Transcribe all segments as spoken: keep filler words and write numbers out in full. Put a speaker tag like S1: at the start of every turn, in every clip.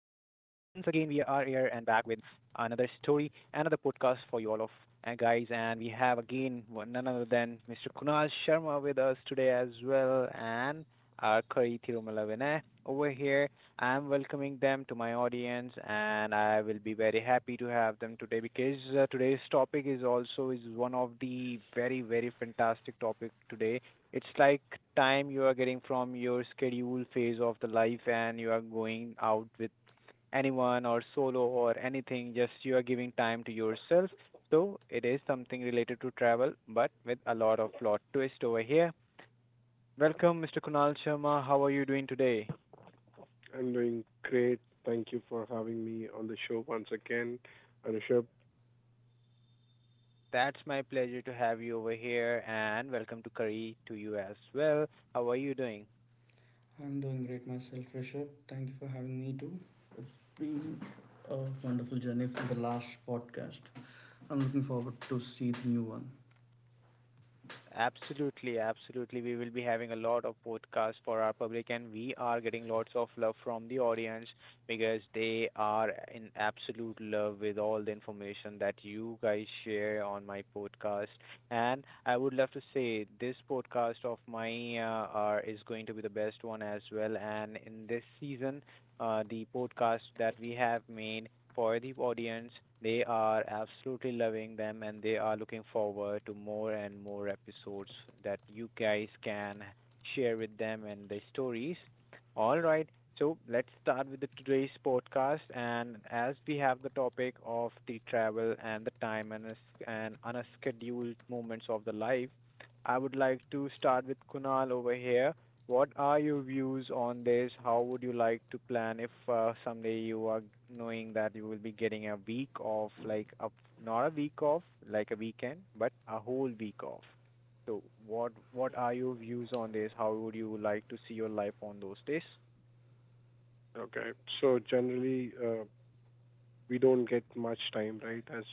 S1: with another story, another podcast for you all of uh, guys. And we have again one- none other than mister Kunal Sharma with us today as well, and our Kari Tirumala Vinay over here. I'm welcoming them to my audience, and I will be very happy to have them today because uh, today's topic is also is one of the very very fantastic topic today. It's like time you are getting from your schedule phase of the life and you are going out with anyone or solo or anything, just you are giving time to yourself. So it is something related to travel, but with a lot of plot twist over here. Welcome, mister Kunal Sharma. How are you doing today?
S2: I'm doing great. Thank you for having me on the show once again, Anusha.
S1: That's my pleasure to have you over here, and welcome to Curry to you as well. How are you doing?
S3: I'm doing great myself, Richard. Thank you for having me too. It's been a wonderful journey from the last podcast. I'm looking forward to see the new one.
S1: Absolutely, absolutely. We will be having a lot of podcasts for our public, and we are getting lots of love from the audience because they are in absolute love with all the information that you guys share on my podcast. And I would love to say this podcast of mine uh, are, is going to be the best one as well. And in this season, uh, the podcast that we have made for the audience. They are absolutely loving them and they are looking forward to more and more episodes that you guys can share with them and the stories. All right. So let's start with the today's podcast, and as we have the topic of the travel and the time and us- and unscheduled moments of the life, I would like to start with Kunal over here. What are your views on this? How would you like to plan if uh, someday you are knowing that you will be getting a week off, like a, not a week off, like a weekend, but a whole week off? So what what are your views on this? How would you like to see your life on those days?
S2: Okay, so generally, uh, we don't get much time, right? As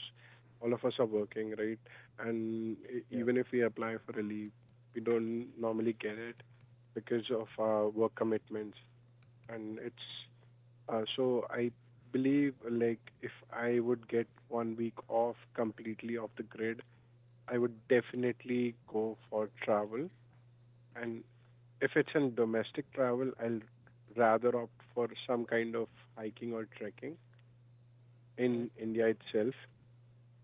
S2: all of us are working, right? And e-
S1: Yep.
S2: even if we apply for a leave, we don't normally get it because of our work commitments. And it's uh, so I believe, like, if I would get one week off completely off the grid, I would definitely go for travel. And if it's in domestic travel, I'll rather opt for some kind of hiking or trekking in India itself.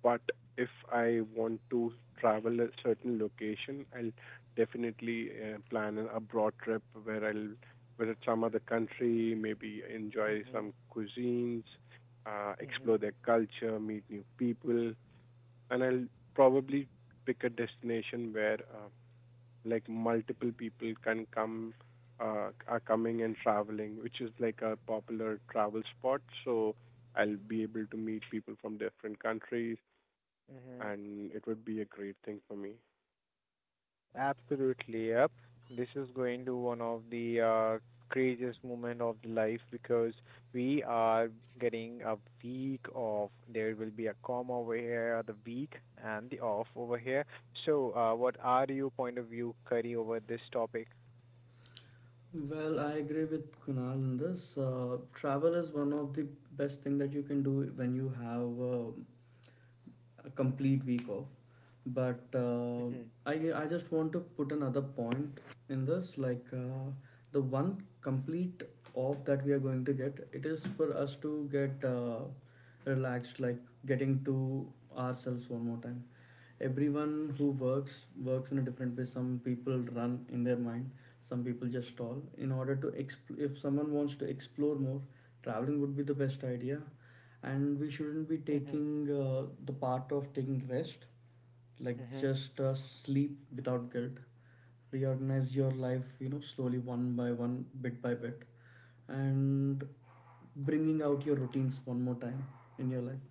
S2: But if I want to travel a certain location, I'll definitely uh, plan an abroad trip where I'll visit some other country, maybe enjoy
S1: Mm-hmm.
S2: some cuisines, uh,
S1: Mm-hmm.
S2: explore their culture, meet new people, and I'll probably pick a destination where uh, like multiple people can come uh, are coming and traveling, which is like a popular travel spot. So I'll be able to meet people from different countries,
S1: Mm-hmm.
S2: and it would be a great thing for me.
S1: Absolutely, yep. This is going to one of the uh, craziest moment of the life because we are getting a week off. There will be a comma over here, the week and the off over here. So, uh, what are your point of view, Curry, over this topic?
S3: Well, I agree with Kunal in this. Uh, travel is one of the best thing that you can do when you have uh, a complete week off. But uh,
S1: Mm-hmm.
S3: I I just want to put another point in this like uh, the one complete off that we are going to get it is for us to get uh, relaxed, like getting to ourselves one more time. Everyone who works works in a different way. Some people run in their mind, some people just stall. In order to exp- if someone wants to explore more, traveling would be the best idea. And we shouldn't be
S1: Mm-hmm.
S3: taking uh, the part of taking rest, like
S1: Mm-hmm.
S3: just uh, sleep without guilt, reorganize your life, you know, slowly, one by one, bit by bit, and bringing out your routines one more time in your life.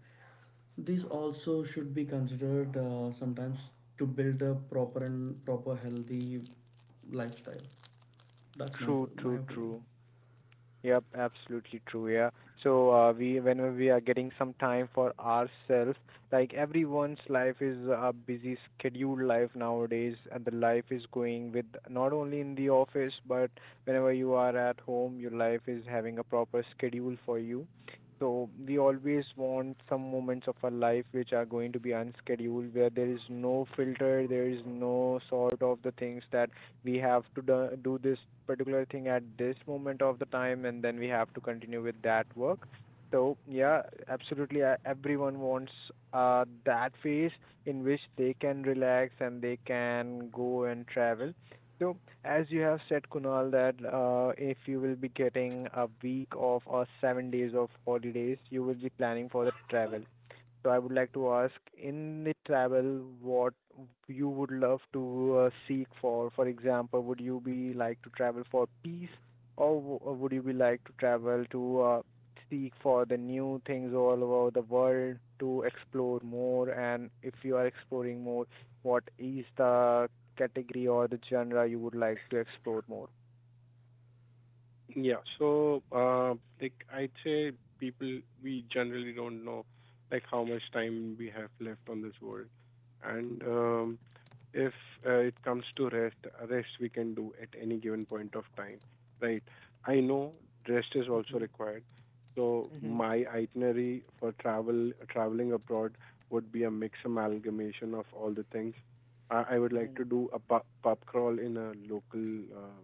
S3: These also should be considered uh, sometimes, to build a proper and proper healthy lifestyle. That's my
S1: True,
S3: my
S1: true,
S3: opinion.
S1: true. Yep, absolutely true. Yeah. So uh, we, whenever we are getting some time for ourselves, like everyone's life is a busy scheduled life nowadays, and the life is going with not only in the office, but whenever you are at home, your life is having a proper schedule for you. So we always want some moments of our life which are going to be unscheduled, where there is no filter, there is no sort of the things that we have to do, do this particular thing at this moment of the time and then we have to continue with that work. So yeah, absolutely, uh, everyone wants uh, that phase in which they can relax and they can go and travel. So as you have said, Kunal, that uh, if you will be getting a week of or seven days of holidays, you will be planning for the travel. So I would like to ask, in the travel, what you would love to uh, seek for? For example, would you be like to travel for peace, or w- or would you be like to travel to uh, seek for the new things all over the world to explore more? And if you are exploring more, what is the category or the genre you would like to explore more?
S2: Yeah. So, uh, like I'd say people, we generally don't know like how much time we have left on this world. And um, if uh, it comes to rest, rest we can do at any given point of time, right? I know rest is also
S1: Mm-hmm.
S2: required. So
S1: Mm-hmm.
S2: my itinerary for travel, traveling abroad would be a mix amalgamation of all the things. I, I would like
S1: Mm-hmm.
S2: to do a pub, pub crawl in a local uh,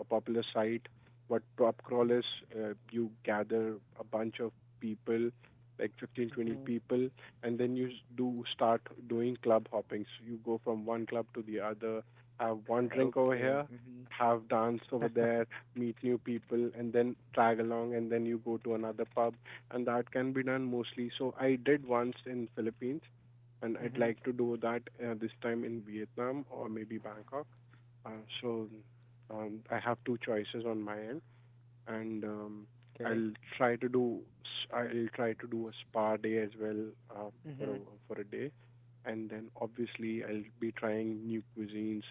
S2: a popular site. What PropCrawl is,
S1: Mm-hmm.
S2: uh, you gather a bunch of people, like fifteen twenty
S1: Mm-hmm.
S2: people, and then you s- do start doing club hoppings. You go from one club to the other, have one drink over
S1: Okay.
S2: here,
S1: Mm-hmm.
S2: have dance over there, meet new people, and then tag along, and then you go to another pub, and that can be done mostly. So I did once in Philippines, and I'd
S1: Mm-hmm.
S2: like to do that uh, this time in Vietnam or maybe Bangkok. Uh, so um, I have two choices on my end, and um,
S1: Okay.
S2: I'll try to do s- I'll try to do a spa day as well, uh, for a
S1: Mhm.
S2: for a day, and then obviously I'll be trying new cuisines,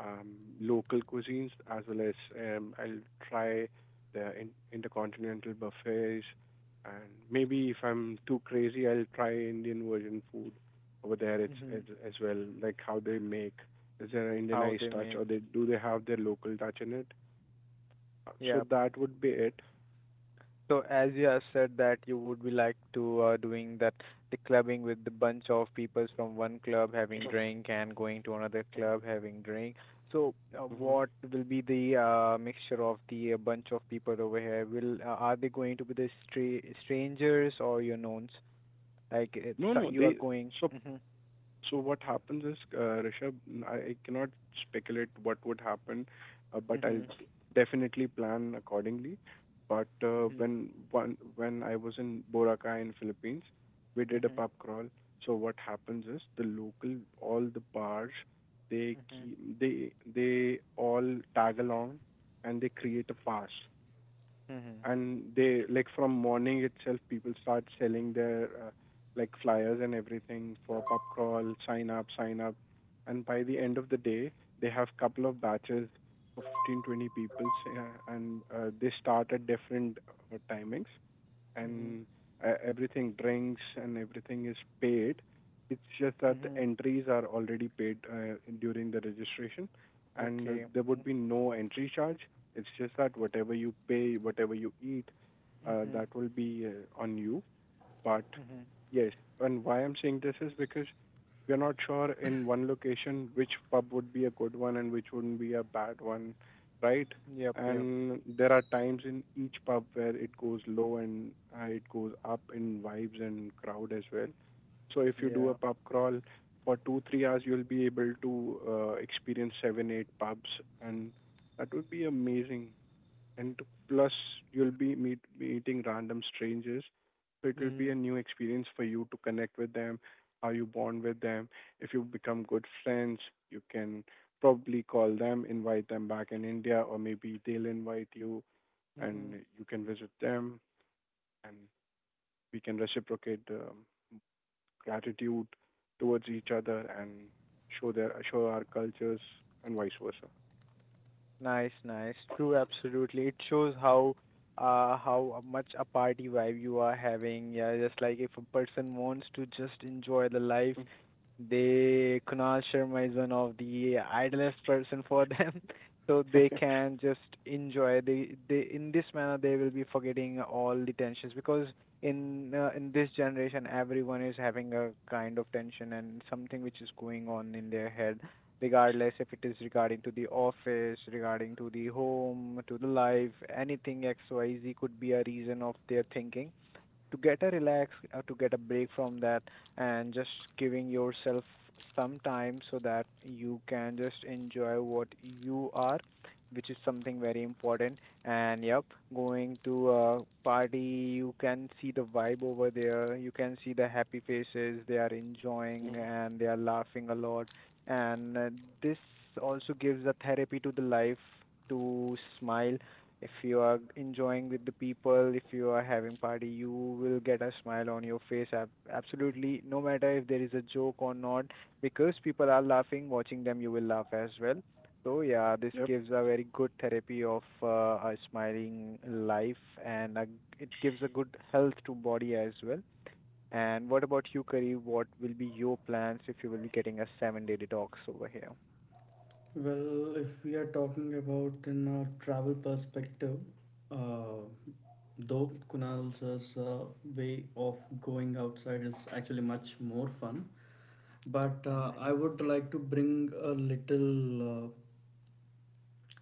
S2: um, local cuisines as well as um, I'll try the in, intercontinental buffets, and maybe if I'm too crazy, I'll try Indian version food over there. It's as,
S1: Mhm.
S2: as well like how they make. Is there an
S1: How
S2: Indianized
S1: they
S2: touch,
S1: make.
S2: or they do they have their local touch in it? Uh, So
S1: Yeah.
S2: that would be it.
S1: So as you have said that you would be like to uh, doing that the clubbing with the bunch of peoples from one club having drink and going to another
S2: Mm-hmm.
S1: club having drink. So uh,
S2: Mm-hmm.
S1: what will be the uh, mixture of the uh, bunch of people over here? Will uh, are they going to be the stra strangers or your knowns? Like
S2: No,
S1: it's, uh,
S2: no.
S1: you are
S2: They
S1: going.
S2: so
S1: Mhm.
S2: so what happens is, uh, Rishabh, n- I, I cannot speculate what would happen, uh, but I'll
S1: Mhm.
S2: d- definitely plan accordingly. But uh,
S1: Mhm.
S2: when one when I was in Boracay in Philippines, we did a
S1: Mhm.
S2: pub crawl. So what happens is the local all the bars, they
S1: Mhm.
S2: keep they they all tag along and they create a fast.
S1: Mhm.
S2: And they like from morning itself people start selling their uh, like flyers and everything for pub crawl sign up sign up, and by the end of the day they have couple of batches of fifteen twenty people, uh, and uh, they start at different uh, timings,
S1: Mhm.
S2: and uh, everything, drinks and everything, is paid. It's just that the
S1: Mhm.
S2: entries are already paid uh, during the registration, and uh,
S1: Okay.
S2: there would
S1: Mhm.
S2: be no entry charge. It's just that whatever you pay, whatever you eat, uh,
S1: Mhm.
S2: that will be uh, on you. But
S1: Mhm.
S2: yes. And why I'm saying this is because we're not sure in one location which pub would be a good one and which wouldn't be a bad one, right?
S1: Yep, yep.
S2: And there are times in each pub where it goes low and uh, it goes up in vibes and crowd as well. So if you do a
S1: Yeah.
S2: pub crawl for two, three hours, you'll be able to uh, experience seven, eight pubs, and that would be amazing, and plus you'll be meet, meeting random strangers. So it will be a
S1: Mhm.
S2: new experience for you to connect with them, how you bond with them. If you become good friends, you can probably call them, invite them back in India, or maybe they'll invite you
S1: Mhm.
S2: and you can visit them, and we can reciprocate the gratitude towards each other and show their show our cultures, and vice versa.
S1: Nice, nice. True, absolutely. It shows how uh how much a party vibe you are having. Yeah, just like if a person wants to just enjoy the life, they Kunal Sharma is one of the idlest person for them. So they can just enjoy. They they in this manner they will be forgetting all the tensions because in uh, in this generation everyone is having a kind of tension and something which is going on in their head regardless if it is regarding to the office, regarding to the home, to the life, anything X Y Z could be a reason of their thinking to get a relax uh, to get a break from that and just giving yourself some time so that you can just enjoy what you are, which is something very important. And yep, going to a party you can see the vibe over there, you can see the happy faces, they are
S2: Mhm.
S1: enjoying
S2: Yeah.
S1: and they are laughing a lot. And uh, this also gives a therapy to the life, to smile. If you are enjoying with the people, if you are having party, you will get a smile on your face. ab- Absolutely, no matter if there is a joke or not, because people are laughing, watching them, you will laugh as well. So yeah, this
S2: yep.
S1: gives a very good therapy of uh, a smiling life, and a, it gives a good health to body as well. And what about you, Kareem? What will be your plans if you will be getting a seven-day detox over here?
S3: Well, if we are talking about in a travel perspective, uh, though Kunal's uh, way of going outside is actually much more fun, but uh,
S1: Mhm.
S3: I would like to bring a little uh,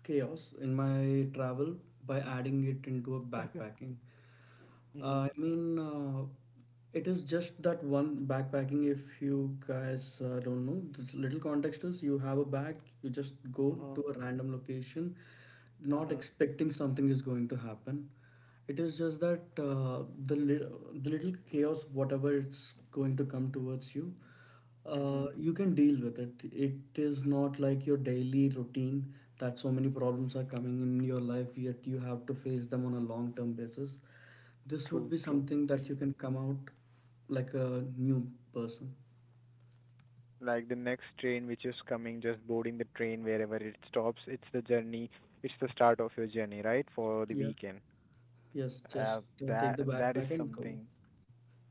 S3: chaos in my travel by adding it into a backpacking.
S1: Mhm.
S3: Uh, I mean, uh, it is just that one backpacking. If you guys uh, don't know, this little context is you have a bag, you just go to
S1: Mhm.
S3: a random location, not
S1: Mhm.
S3: expecting something is going to happen. It is just that uh, the, li- the little chaos, whatever it's going to come towards you, uh,
S1: Mhm.
S3: you can deal with it. It is not like your daily routine that so many problems are coming in your life, yet you have to face them on a long term basis. This would
S1: True,
S3: be
S1: true.
S3: something that
S1: Hmm.
S3: you can come out like a new person.
S1: Like the next train which is coming, just boarding the train wherever it stops, it's the journey, it's the start of your journey, right? For the
S3: Yeah.
S1: weekend.
S3: Yes,
S1: Uh,
S3: just uh, take
S1: that
S3: the
S1: that is
S3: backpack and go.
S1: something.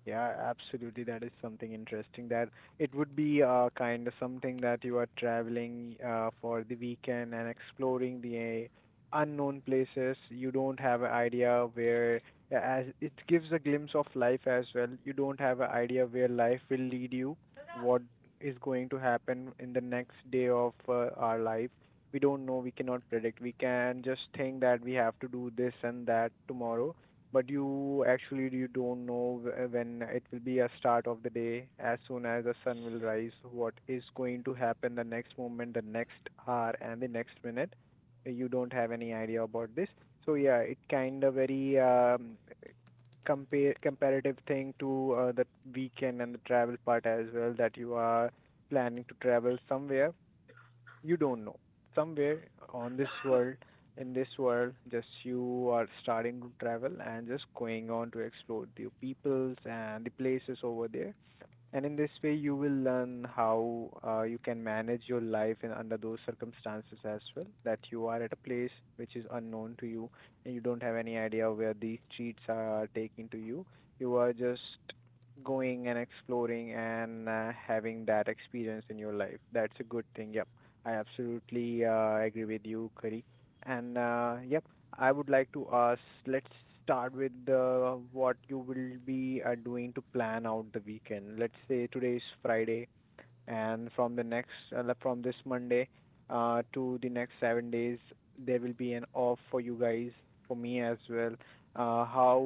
S1: Yeah, absolutely. That is something interesting that it would be uh, kind of something that you are traveling uh, for the weekend and exploring the uh, unknown places. You don't have an idea where, as it gives a glimpse of life as well. You don't have an idea where life will lead you, what is going to happen in the next day of uh, our life. We don't know, we cannot predict. We can just think that we have to do this and that tomorrow, but you actually you don't know wh- when it will be a start of the day. As soon as the sun will rise, what is going to happen the next moment, the next hour and the next minute, you don't have any idea about this. So yeah, it kind of very um, compare comparative thing to uh, the weekend and the travel part as well, that you are planning to travel somewhere, you don't know, somewhere on this world, in this world, just you are starting to travel and just going on to explore the peoples and the places over there. And in this way, you will learn how uh, you can manage your life in under those circumstances as well. That you are at a place which is unknown to you, and you don't have any idea where these streets are taking to you. You are just going and exploring and uh, having that experience in your life. That's a good thing. Yep, I absolutely uh, agree with you, Kari. And uh, yep, I would like to ask, let's start with uh, what you will be uh, doing to plan out the weekend. Let's say today is Friday and from the next uh, like from this Monday uh, to the next seven days, there will be an off for you guys, for me as well. Uh, how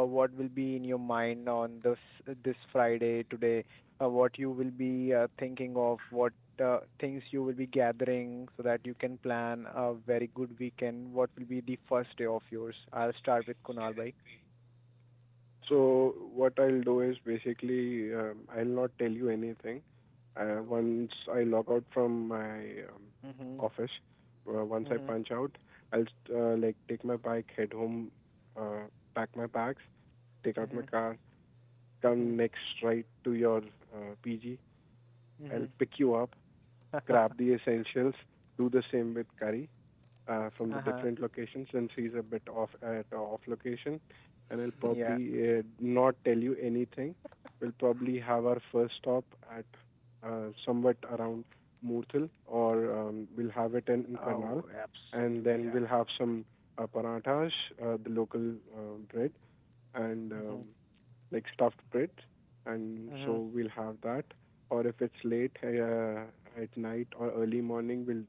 S1: uh, what will be in your mind on this this Friday today? Uh, what you will be uh, thinking of? What uh, things you will be gathering so that you can plan a very good weekend? What will be the first day of yours? I'll start with Kunal, bhai.
S2: So what I'll do is basically um, I'll not tell you anything. Uh, once I log out from my um,
S1: Mhm.
S2: office, uh, once I
S1: Mhm.
S2: punch out, I'll uh, like take my bike, head home, uh, pack my bags, take out my
S1: Mhm.
S2: car, come
S1: Mhm.
S2: next right to your uh, P G. I'll
S1: Mhm.
S2: pick you up, grab the essentials, do the same with Kari, uh, from the
S1: Uh-huh.
S2: different locations since he's a bit off at a off location, and I'll
S1: Yeah.
S2: probably uh, not tell you anything. We'll probably have our first stop at uh, somewhat around Murthal, or um, we'll have it in, in Karnal,
S1: Oh,
S2: and
S1: absolutely.
S2: then
S1: Yeah.
S2: we'll have some uh, parathas, uh, the local uh, bread, and um,
S1: Mhm.
S2: like stuffed bread. And
S1: Mhm.
S2: so we'll have that, or if it's late uh, at night or early morning, we'll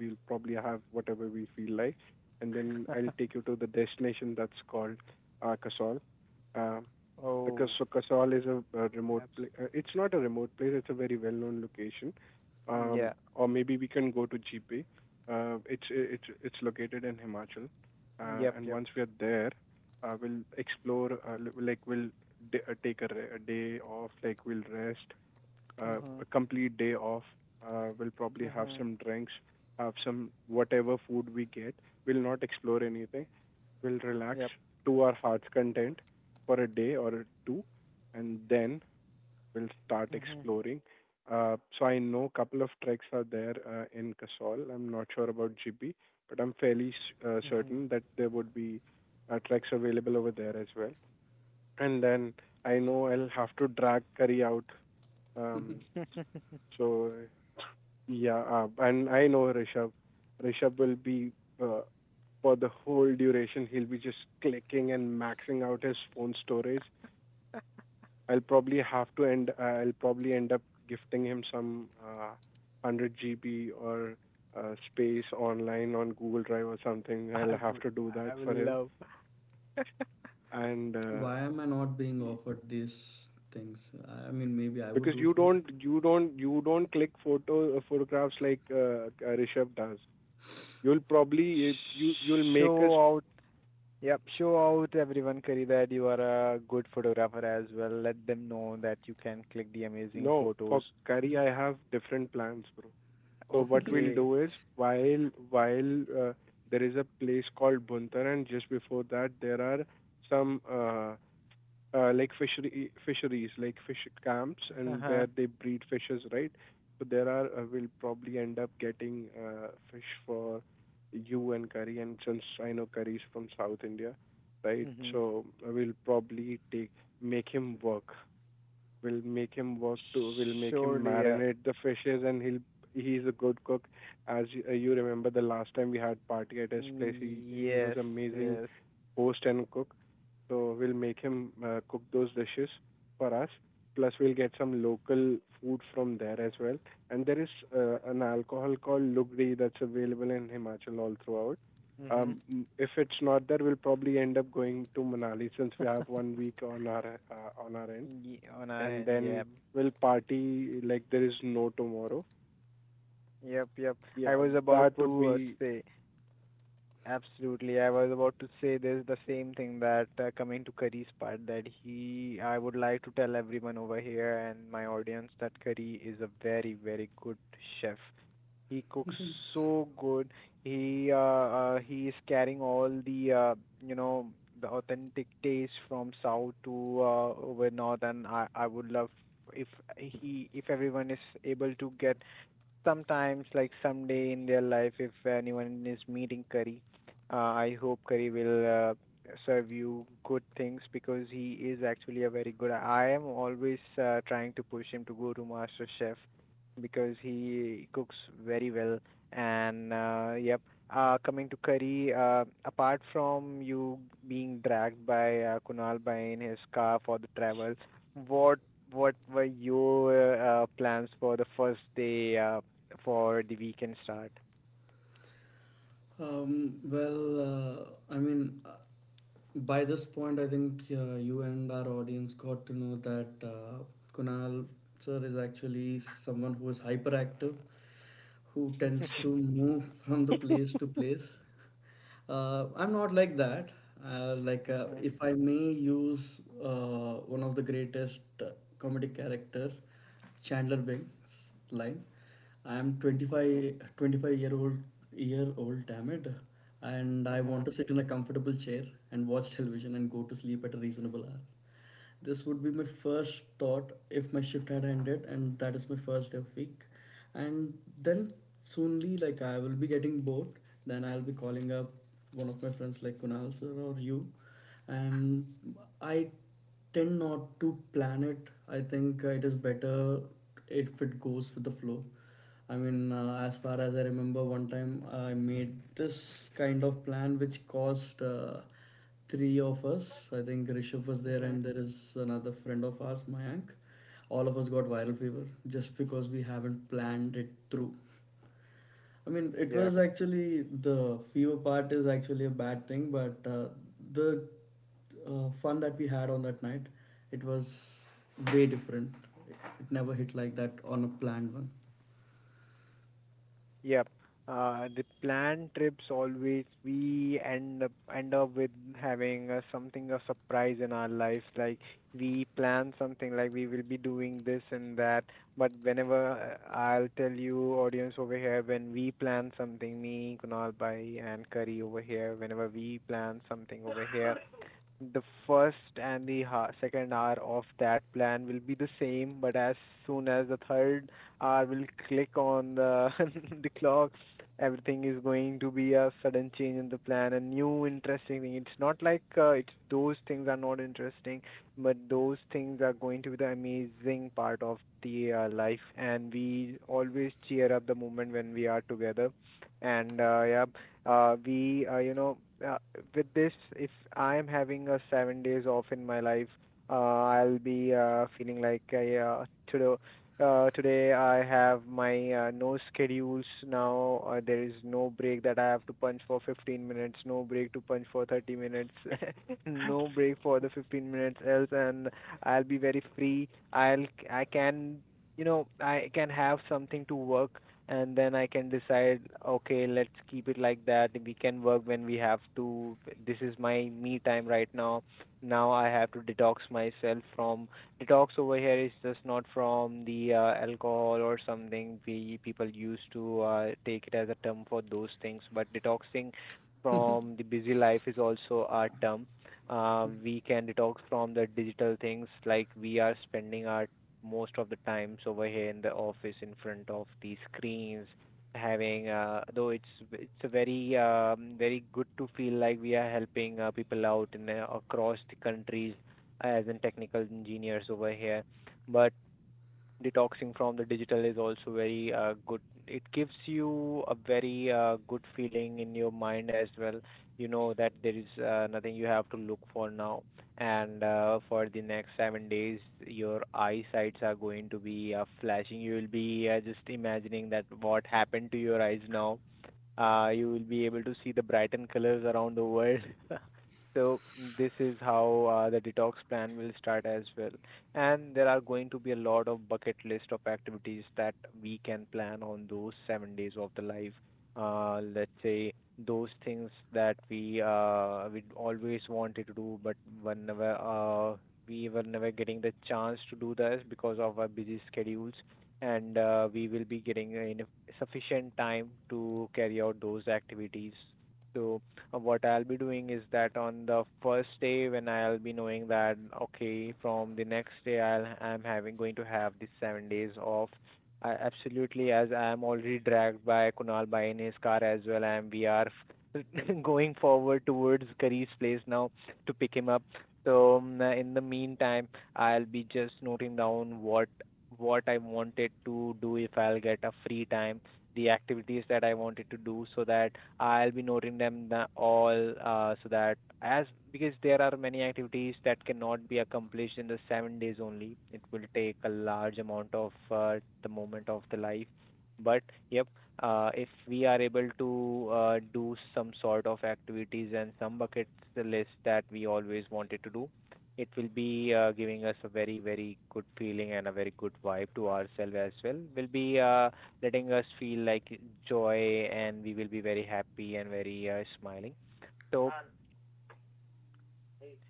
S2: We'll probably have whatever we feel like. And then I'll take you to the destination that's called uh, Kasol. Uh, the Kas-
S1: Oh,
S2: so Kasol is a, a remote
S1: abs.
S2: pla Uh, it's not a remote place. It's a very well-known location. Um,
S1: Yeah.
S2: or maybe we can go to G B. Uh, it's it's it's located in Himachal. Uh,
S1: Yep.
S2: and
S1: Yep.
S2: once we are there, uh, we'll explore. Uh, li- like we'll d- uh, take a, re- a day off. Like we'll rest uh, a
S1: Mhm.
S2: complete day off. Uh, we'll probably have
S1: Mhm.
S2: some drinks, have some whatever food we get. We'll not explore anything. We'll relax
S1: Yep.
S2: to our heart's content for a day or two, and then we'll start
S1: Mhm.
S2: exploring. Uh, so I know a couple of treks are there uh, in Kasol. I'm not sure about G B, but I'm fairly s- uh,
S1: Mhm.
S2: certain that there would be uh, treks available over there as well. And then I know I'll have to drag Curry out. Um, so yeah, uh, and I know Rishabh. Rishabh will be uh, for the whole duration. He'll be just clicking and maxing out his phone storage. I'll probably have to end. Uh, I'll probably end up gifting him some uh, one hundred G B or uh, space online on Google Drive or something.
S1: I
S2: I'll have
S1: would.
S2: to do that
S1: I will
S2: for him.
S1: love.
S2: And uh,
S3: Why am I not being
S2: y-
S3: offered these things? I I mean, maybe I would
S2: because
S3: do
S2: you
S3: too.
S2: don't, you don't, you don't click photo uh, photographs like uh, uh, Rishabh does. You'll probably you you'll make us.
S1: Show out. Yep. Show out everyone, Kari, that you are a good photographer as well. Let them know that you can click the amazing
S2: No,
S1: photos.
S2: for curry I have different plans, bro. So what we'll
S1: Okay.
S2: do is while while uh, there is a place called Buntar, and just before that there are some uh, uh, like fishery fisheries, like fish camps, and
S1: Uh-huh.
S2: where they breed fishes, right? So there are uh, we'll probably end up getting uh, fish for you and curry, and since I know curry's from South India, right?
S1: Mhm.
S2: So I will probably take make him work. We'll make him work to we'll make him
S1: Surely. Yeah.
S2: marinate the fishes, and he'll he's a good cook. As you, uh, you remember, the last time we had party at his place, he he was
S1: Yes.
S2: amazing
S1: Yes.
S2: host and cook. So we'll make him uh, cook those dishes for us. Plus we'll get some local food from there as well. And there is uh, an alcohol called Lugdi that's available in Himachal all throughout.
S1: Mhm.
S2: Um, if it's not there, we'll probably end up going to Manali since we have one week on our uh, on our end,
S1: Ye- on our
S2: and
S1: end, yeah.
S2: then we'll party like there is no tomorrow.
S1: Yep, yep. I
S2: Yeah,
S1: was about
S2: that would
S1: to uh,
S2: be.
S1: say, absolutely. I was about to say this the same thing that uh, coming to Curry's part, that he, I would like to tell everyone over here and my audience that Curry is a very, very good chef. He cooks so good. He uh, uh, he is carrying all the uh, you know the authentic taste from south to uh, over north, and I I would love if he if everyone is able to get sometimes, like someday in their life, if anyone is meeting curry, uh, I hope curry will uh, serve you good things, because he is actually a very good. I am always uh, trying to push him to go to master chef, because he cooks very well. And uh, yep. Uh, coming to curry, uh, apart from you being dragged by uh, kunal by in his car for the travel, what what were your uh, plans for the first day? Uh, for the weekend start.
S3: Um, well, uh, I mean, uh, by this point, I think uh, you and our audience got to know that uh, Kunal sir is actually someone who is hyperactive, who tends to move from the place to place. Uh, I'm not like that. Uh, like, uh,
S1: Mhm,
S3: if I may use uh, one of the greatest uh, comedic character, Chandler Bing's line, I'm twenty-five twenty-five year old, year old, damn it, and I want
S1: mhm,
S3: to sit in a comfortable chair and watch television and go to sleep at a reasonable hour. This would be my first thought if my shift had ended, and that is my first day of week. And then soonly, like, I will be getting bored. Then I'll be calling up one of my friends, like Kunal sir or you, and I tend not to plan it. I think uh, it is better if it goes with the flow. I mean, uh, as far as I remember, one time I made this kind of plan which caused uh, three of us. I think Rishabh was there,
S1: mhm.
S3: and there is another friend of ours, Mayank. All of us got viral fever just because we haven't planned it through. I mean, it
S1: Yep,
S3: was actually the fever part is actually a bad thing, but uh, the uh, fun that we had on that night, it was way different. It never hit like that on a planned one.
S1: yep. Uh, the planned trips, always we end up end up with having uh, something a surprise in our life. Like we plan something, like we will be doing this and that. But whenever, uh, I'll tell you, audience over here, when we plan something, me, Kunal Bhai, and Curry over here, whenever we plan something over here, the first and the ha- second hour of that plan will be the same, but as soon as the third hour will click on the the clock, everything is going to be a sudden change in the plan, a new interesting thing. It's not like, uh, it's those things are not interesting, but those things are going to be the amazing part of the uh, life, and we always cheer up the moment when we are together. And uh, yeah, uh, we uh, you know uh, with this, if I am having a seven days off in my life, uh, I'll be uh, feeling like I, uh, yeah, today uh, today I have my uh, no schedules now. Uh, there is no break that I have to punch for fifteen minutes, no break to punch for thirty minutes, no break for the fifteen minutes else, and I'll be very free. i'll I can, you know I can have something to work, and then I can decide, okay, let's keep it like that. We can work when we have to. This is my me time right now. Now I have to detox myself from detox over here is just not from the uh, alcohol or something we people used to uh, take it as a term for those things, but detoxing from the busy life is also our term. Uh, we can detox from the digital things, like we are spending our most of the times over here in the office in front of the screens, having, uh, though it's it's a very um, very good to feel like we are helping uh, people out in uh, across the countries as in technical engineers over here, but detoxing from the digital is also very uh, good. It gives you a very uh, good feeling in your mind as well. You know that there is uh, nothing you have to look for now, and uh, for the next seven days, your eyesights are going to be uh, flashing. You will be uh, just imagining that what happened to your eyes now, uh, you will be able to see the Brighton colors around the world. So this is how uh, the detox plan will start as well. And there are going to be a lot of bucket list of activities that we can plan on those seven days of the life. Uh, let's say those things that we uh, we always wanted to do, but whenever uh, we were never getting the chance to do this because of our busy schedules, and uh, we will be getting enough sufficient time to carry out those activities. So, uh, what I'll be doing is that on the first day when I'll be knowing that okay, from the next day, I'll I'm having going to have the seven days off. I absolutely, as I am already dragged by Kunal by in his car as well and we are going forward towards Kari's place now to pick him up. So, um, in the meantime, I'll be just noting down what what I wanted to do if I'll get a free time, the activities that I wanted to do, so that I'll be noting them the, all, uh, so that, as because there are many activities that cannot be accomplished in the seven days only. It will take a large amount of uh, the moment of the life. But yep, uh, if we are able to uh, do some sort of activities and some bucket list that we always wanted to do, it will be uh, giving us a very very good feeling, and a very good vibe to ourselves as well, will be uh, letting us feel like joy, and we will be very happy and very uh, smiling. So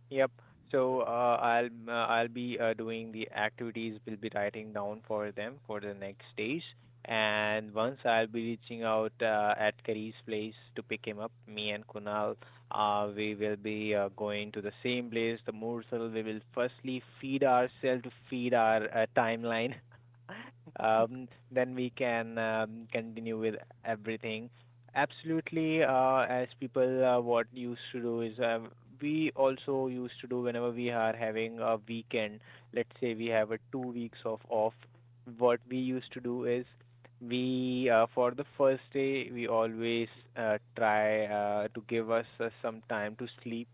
S1: yep. So uh, I'll uh, I'll be uh, doing the activities. Will be writing down for them for the next days. And once I'll be reaching out uh, at Kari's place to pick him up, me and Kunal, uh, we will be uh, going to the same place, the Morsel. We will firstly feed ourselves to feed our uh, timeline. Um, then we can um, continue with everything. Absolutely, uh, as people, uh, what used to do is, uh, we also used to do whenever we are having a weekend, let's say we have a two weeks of off, what we used to do is we, uh, for the first day, we always uh, try uh, to give us uh, some time to sleep,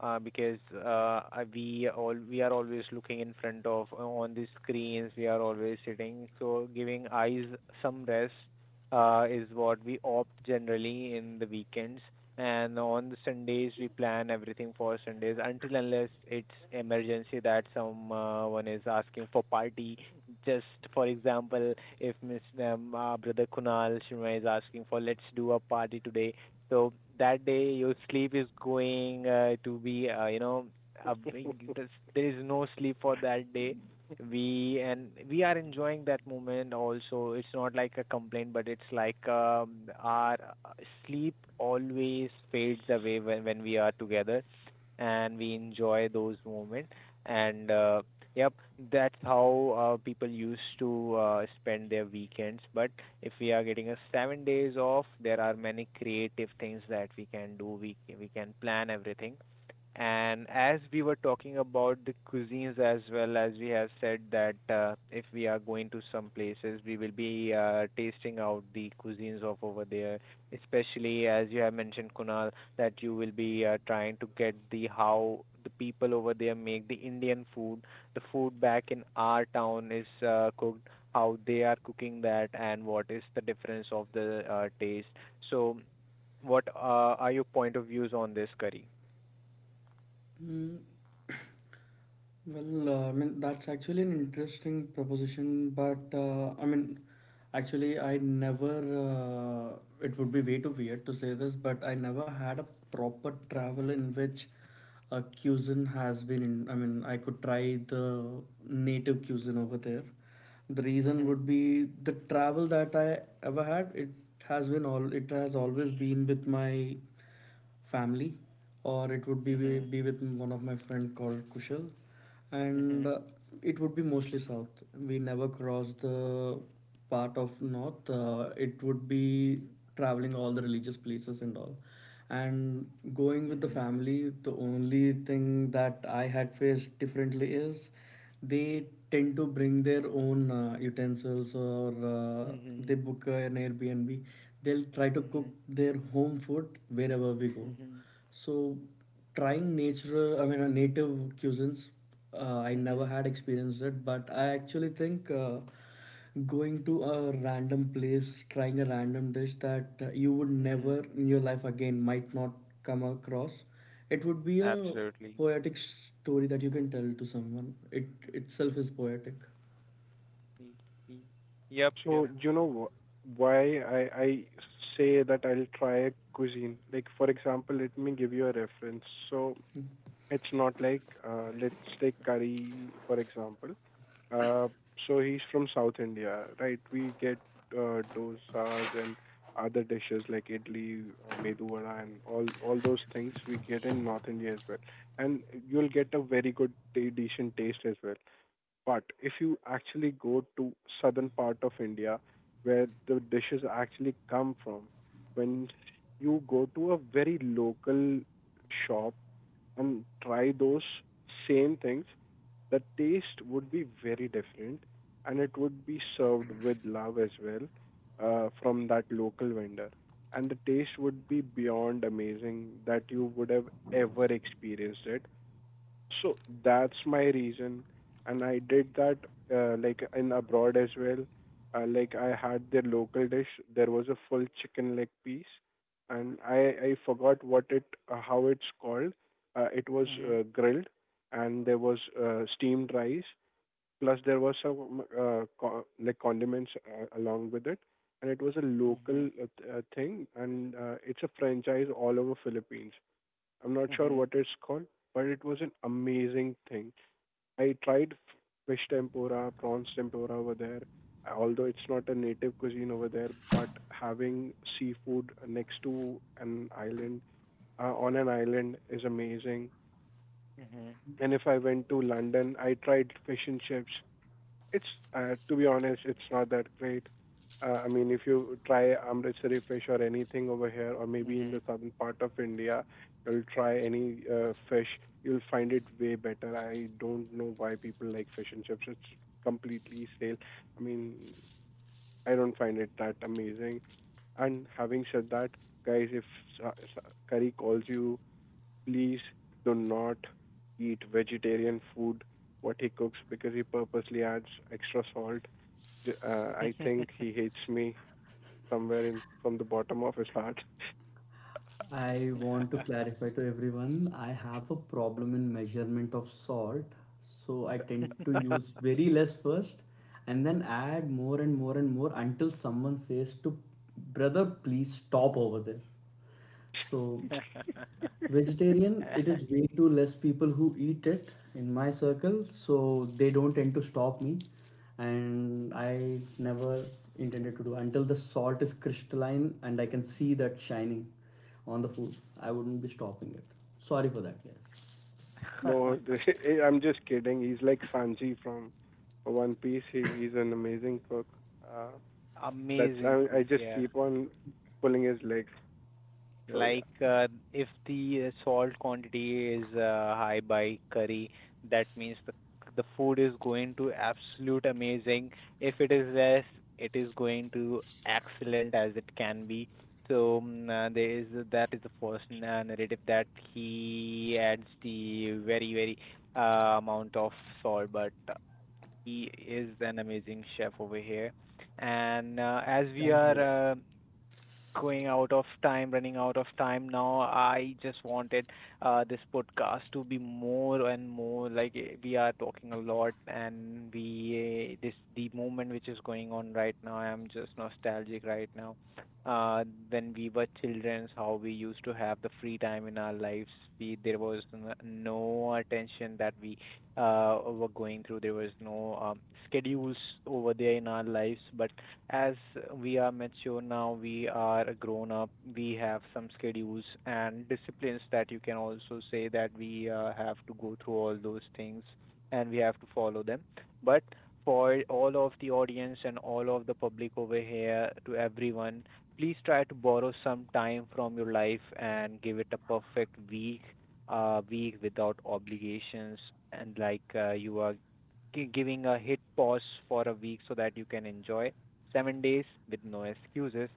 S1: uh, because uh, I- we all, we are always looking in front of uh, on the screens. We are always sitting, so giving eyes some rest uh, is what we opt generally in the weekends. And on the Sundays, we plan everything for Sundays until unless it's emergency that someone is asking for party. Just for example, if Miss um, uh, Brother Kunal Sharma is asking for let's do a party today, so that day your sleep is going uh, to be, uh, you know, a there is no sleep for that day. We and we are enjoying that moment also. It's not like a complaint, but it's like, um, our uh, sleep always fades away when, when we are together, and we enjoy those moments. And uh, yep, that's how uh, people used to uh, spend their weekends. But if we are getting a seven days off, there are many creative things that we can do. We c- we can plan everything. And as we were talking about the cuisines as well, as we have said that uh, if we are going to some places, we will be uh, tasting out the cuisines of over there. Especially as you have mentioned, Kunal, that you will be uh, trying to get the how the people over there make the Indian food. The food back in our town is uh, cooked how they are cooking that, and what is the difference of the uh, taste. So, what uh, are your point of views on this, curry?
S3: Mm, Well, uh, I mean, that's actually an interesting proposition, but uh, I mean, actually, I never, uh, it would be way too weird to say this, but I never had a proper travel in which a cuisine has been, in, I mean, I could try the native cuisine over there. The reason
S1: Mhm.
S3: would be the travel that I ever had, it has been all, it has always been with my family, or it would be
S1: Mhm.
S3: be with one of my friend called Kushal, and
S1: Mhm.
S3: uh, it would be mostly south. We never cross the part of north. Uh, it would be traveling all the religious places and all, and going with the
S1: Mhm.
S3: family. The only thing that I had faced differently is they tend to bring their own uh, utensils, or uh, they
S1: Mhm.
S3: book an Airbnb. They'll try to cook
S1: Mhm.
S3: their home food wherever we go.
S1: Mhm.
S3: So trying natural, i mean uh, native cuisines, uh, I never
S1: Mhm.
S3: had experienced it. But I actually think uh, going to a random place, trying a random dish that uh, you would
S1: Mhm.
S3: never in your life again might not come across. It would be a
S1: Absolutely.
S3: poetic story that you can tell to someone. It itself is poetic.
S1: Y- y- Yep. Yep.
S2: So you know wh- why I I say that I'll try a cuisine. Like for example, let me give you a reference. So it's not like uh, let's take curry for example. Uh, so he's from South India, right? We get uh, dosas and other dishes like idli, uh, medu vada, and all all those things we get in North India as well. And you'll get a very good, ta- decent taste as well. But if you actually go to southern part of India, where the dishes actually come from, when you go to a very local shop and try those same things, the taste would be very different, and it would be served with love as well, uh, from that local vendor, and the taste would be beyond amazing that you would have ever experienced it. So that's my reason, and I did that uh, like in abroad as well. Uh, like I had their local dish. There was a full chicken leg piece, and I I forgot what it uh, how it's called. Uh, it was
S1: Mhm.
S2: uh, grilled, and there was uh, steamed rice. Plus there was some uh, co- like condiments uh, along with it, and it was a local
S1: Mhm.
S2: uh, th- uh, thing, and uh, it's a franchise all over Philippines. I'm not sure
S1: Mhm.
S2: what it's called, but it was an amazing thing. I tried f- fish tempura, prawns tempura over there. Although it's not a native cuisine over there, but having seafood next to an island, uh, on an island is amazing. And if I went to London, I tried fish and chips. It's uh, to be honest, it's not that great. Uh, I mean, if you try Amritsari fish or anything over here, or
S1: Mhm.
S2: maybe in the
S1: Mhm.
S2: southern part of India, you'll try any uh, fish, you'll find it way better. I don't know why people like fish and chips. It's completely stale. I mean, I don't find it that amazing. And having said that, guys, if sa- sa- Curry calls you, please do not eat vegetarian food what he cooks, because he purposely adds extra salt. uh, I think he hates me somewhere in from the bottom of his heart.
S3: I want to clarify to everyone, I have a problem in measurement of salt. So I tend to use very less first and then add more and more and more, until someone says to brother, please stop over there. So vegetarian, it is way too less people who eat it in my circle, so they don't tend to stop me. And I never intended to do until the salt is crystalline and I can see that shining on the food. I wouldn't be stopping it. Sorry for that, guys.
S2: No, I'm just kidding. He's like Sanji from One Piece. He he's an amazing cook. Uh, that's
S1: Amazing
S2: I I
S1: cook,
S2: just
S1: yeah.
S2: keep on pulling his legs. So yeah.
S1: Like, uh, if the uh, salt quantity is uh, high by curry, that means the the food is going to absolute amazing. If it is less, it is going to excellent as it can be. So mm, uh, there is that is the first na- narrative, that he adds the very very uh, amount of salt, but uh, he is an amazing chef over here. And uh, as we
S3: Thank you.
S1: are uh, going out of time, running out of time now. I just wanted uh, this podcast to be more and more like, eh, we are talking a lot, and we uh, this the moment which is going on right now, I'm just nostalgic right now. Uh, when we were children, how we used to have the free time in our lives. We There was n- no attention that we uh were going through. There was no um, schedules over there in our lives, but as we are mature now, we are grown up, we have some schedules and disciplines, that you can also say that we uh, have to go through all those things, and we have to follow them. But for all of the audience and all of the public over here, to everyone, please try to borrow some time from your life and give it a perfect week, uh, week without obligations, and like uh, you are gi- giving a hit pause for a week, so that you can enjoy seven days with no excuses.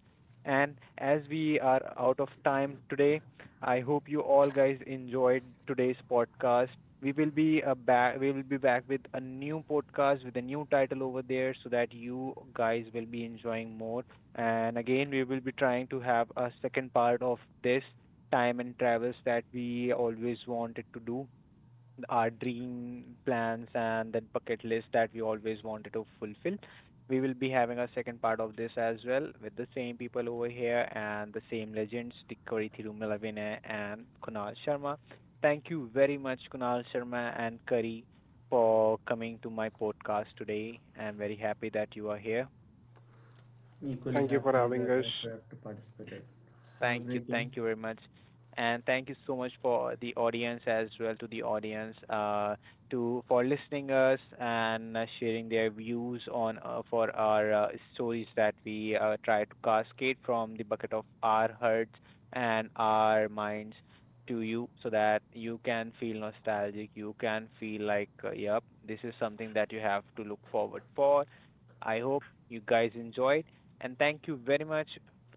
S1: And as we are out of time today, I hope you all guys enjoyed today's podcast. We will be uh, back. We will be back with a new podcast with a new title over there, so that you guys will be enjoying more. And again, we will be trying to have a second part of this, time and travels that we always wanted to do, our dream plans and that bucket list that we always wanted to fulfill. We will be having a second part of this as well, with the same people over here and the same legends, Tikori Thirumalavene and Kunal Sharma. Thank you very much, Kunal Sharma and Kari, for coming to my podcast today. I'm very happy that you are here.
S3: I'm equally
S2: Thank you for
S3: happy
S2: having
S3: that
S2: us.
S3: I could have participated. Have a
S1: Thank you.
S3: great day.
S1: Thank you very much. And thank you so much for the audience as well, to the audience, uh, to for listening us, and uh, sharing their views on, uh, for our uh, stories, that we uh, try to cascade from the bucket of our hearts and our minds to you, so that you can feel nostalgic, you can feel like, uh, yep, this is something that you have to look forward for. I hope you guys enjoyed, and thank you very much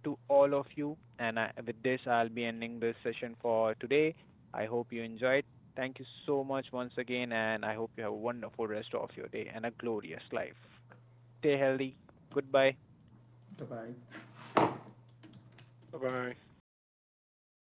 S1: to all of you. And I, with this, I'll be ending this session for today. I hope you enjoyed. Thank you so much once again, and I hope you have a wonderful rest of your day and a glorious life. Stay healthy. Goodbye.
S3: Bye bye.
S2: Bye bye.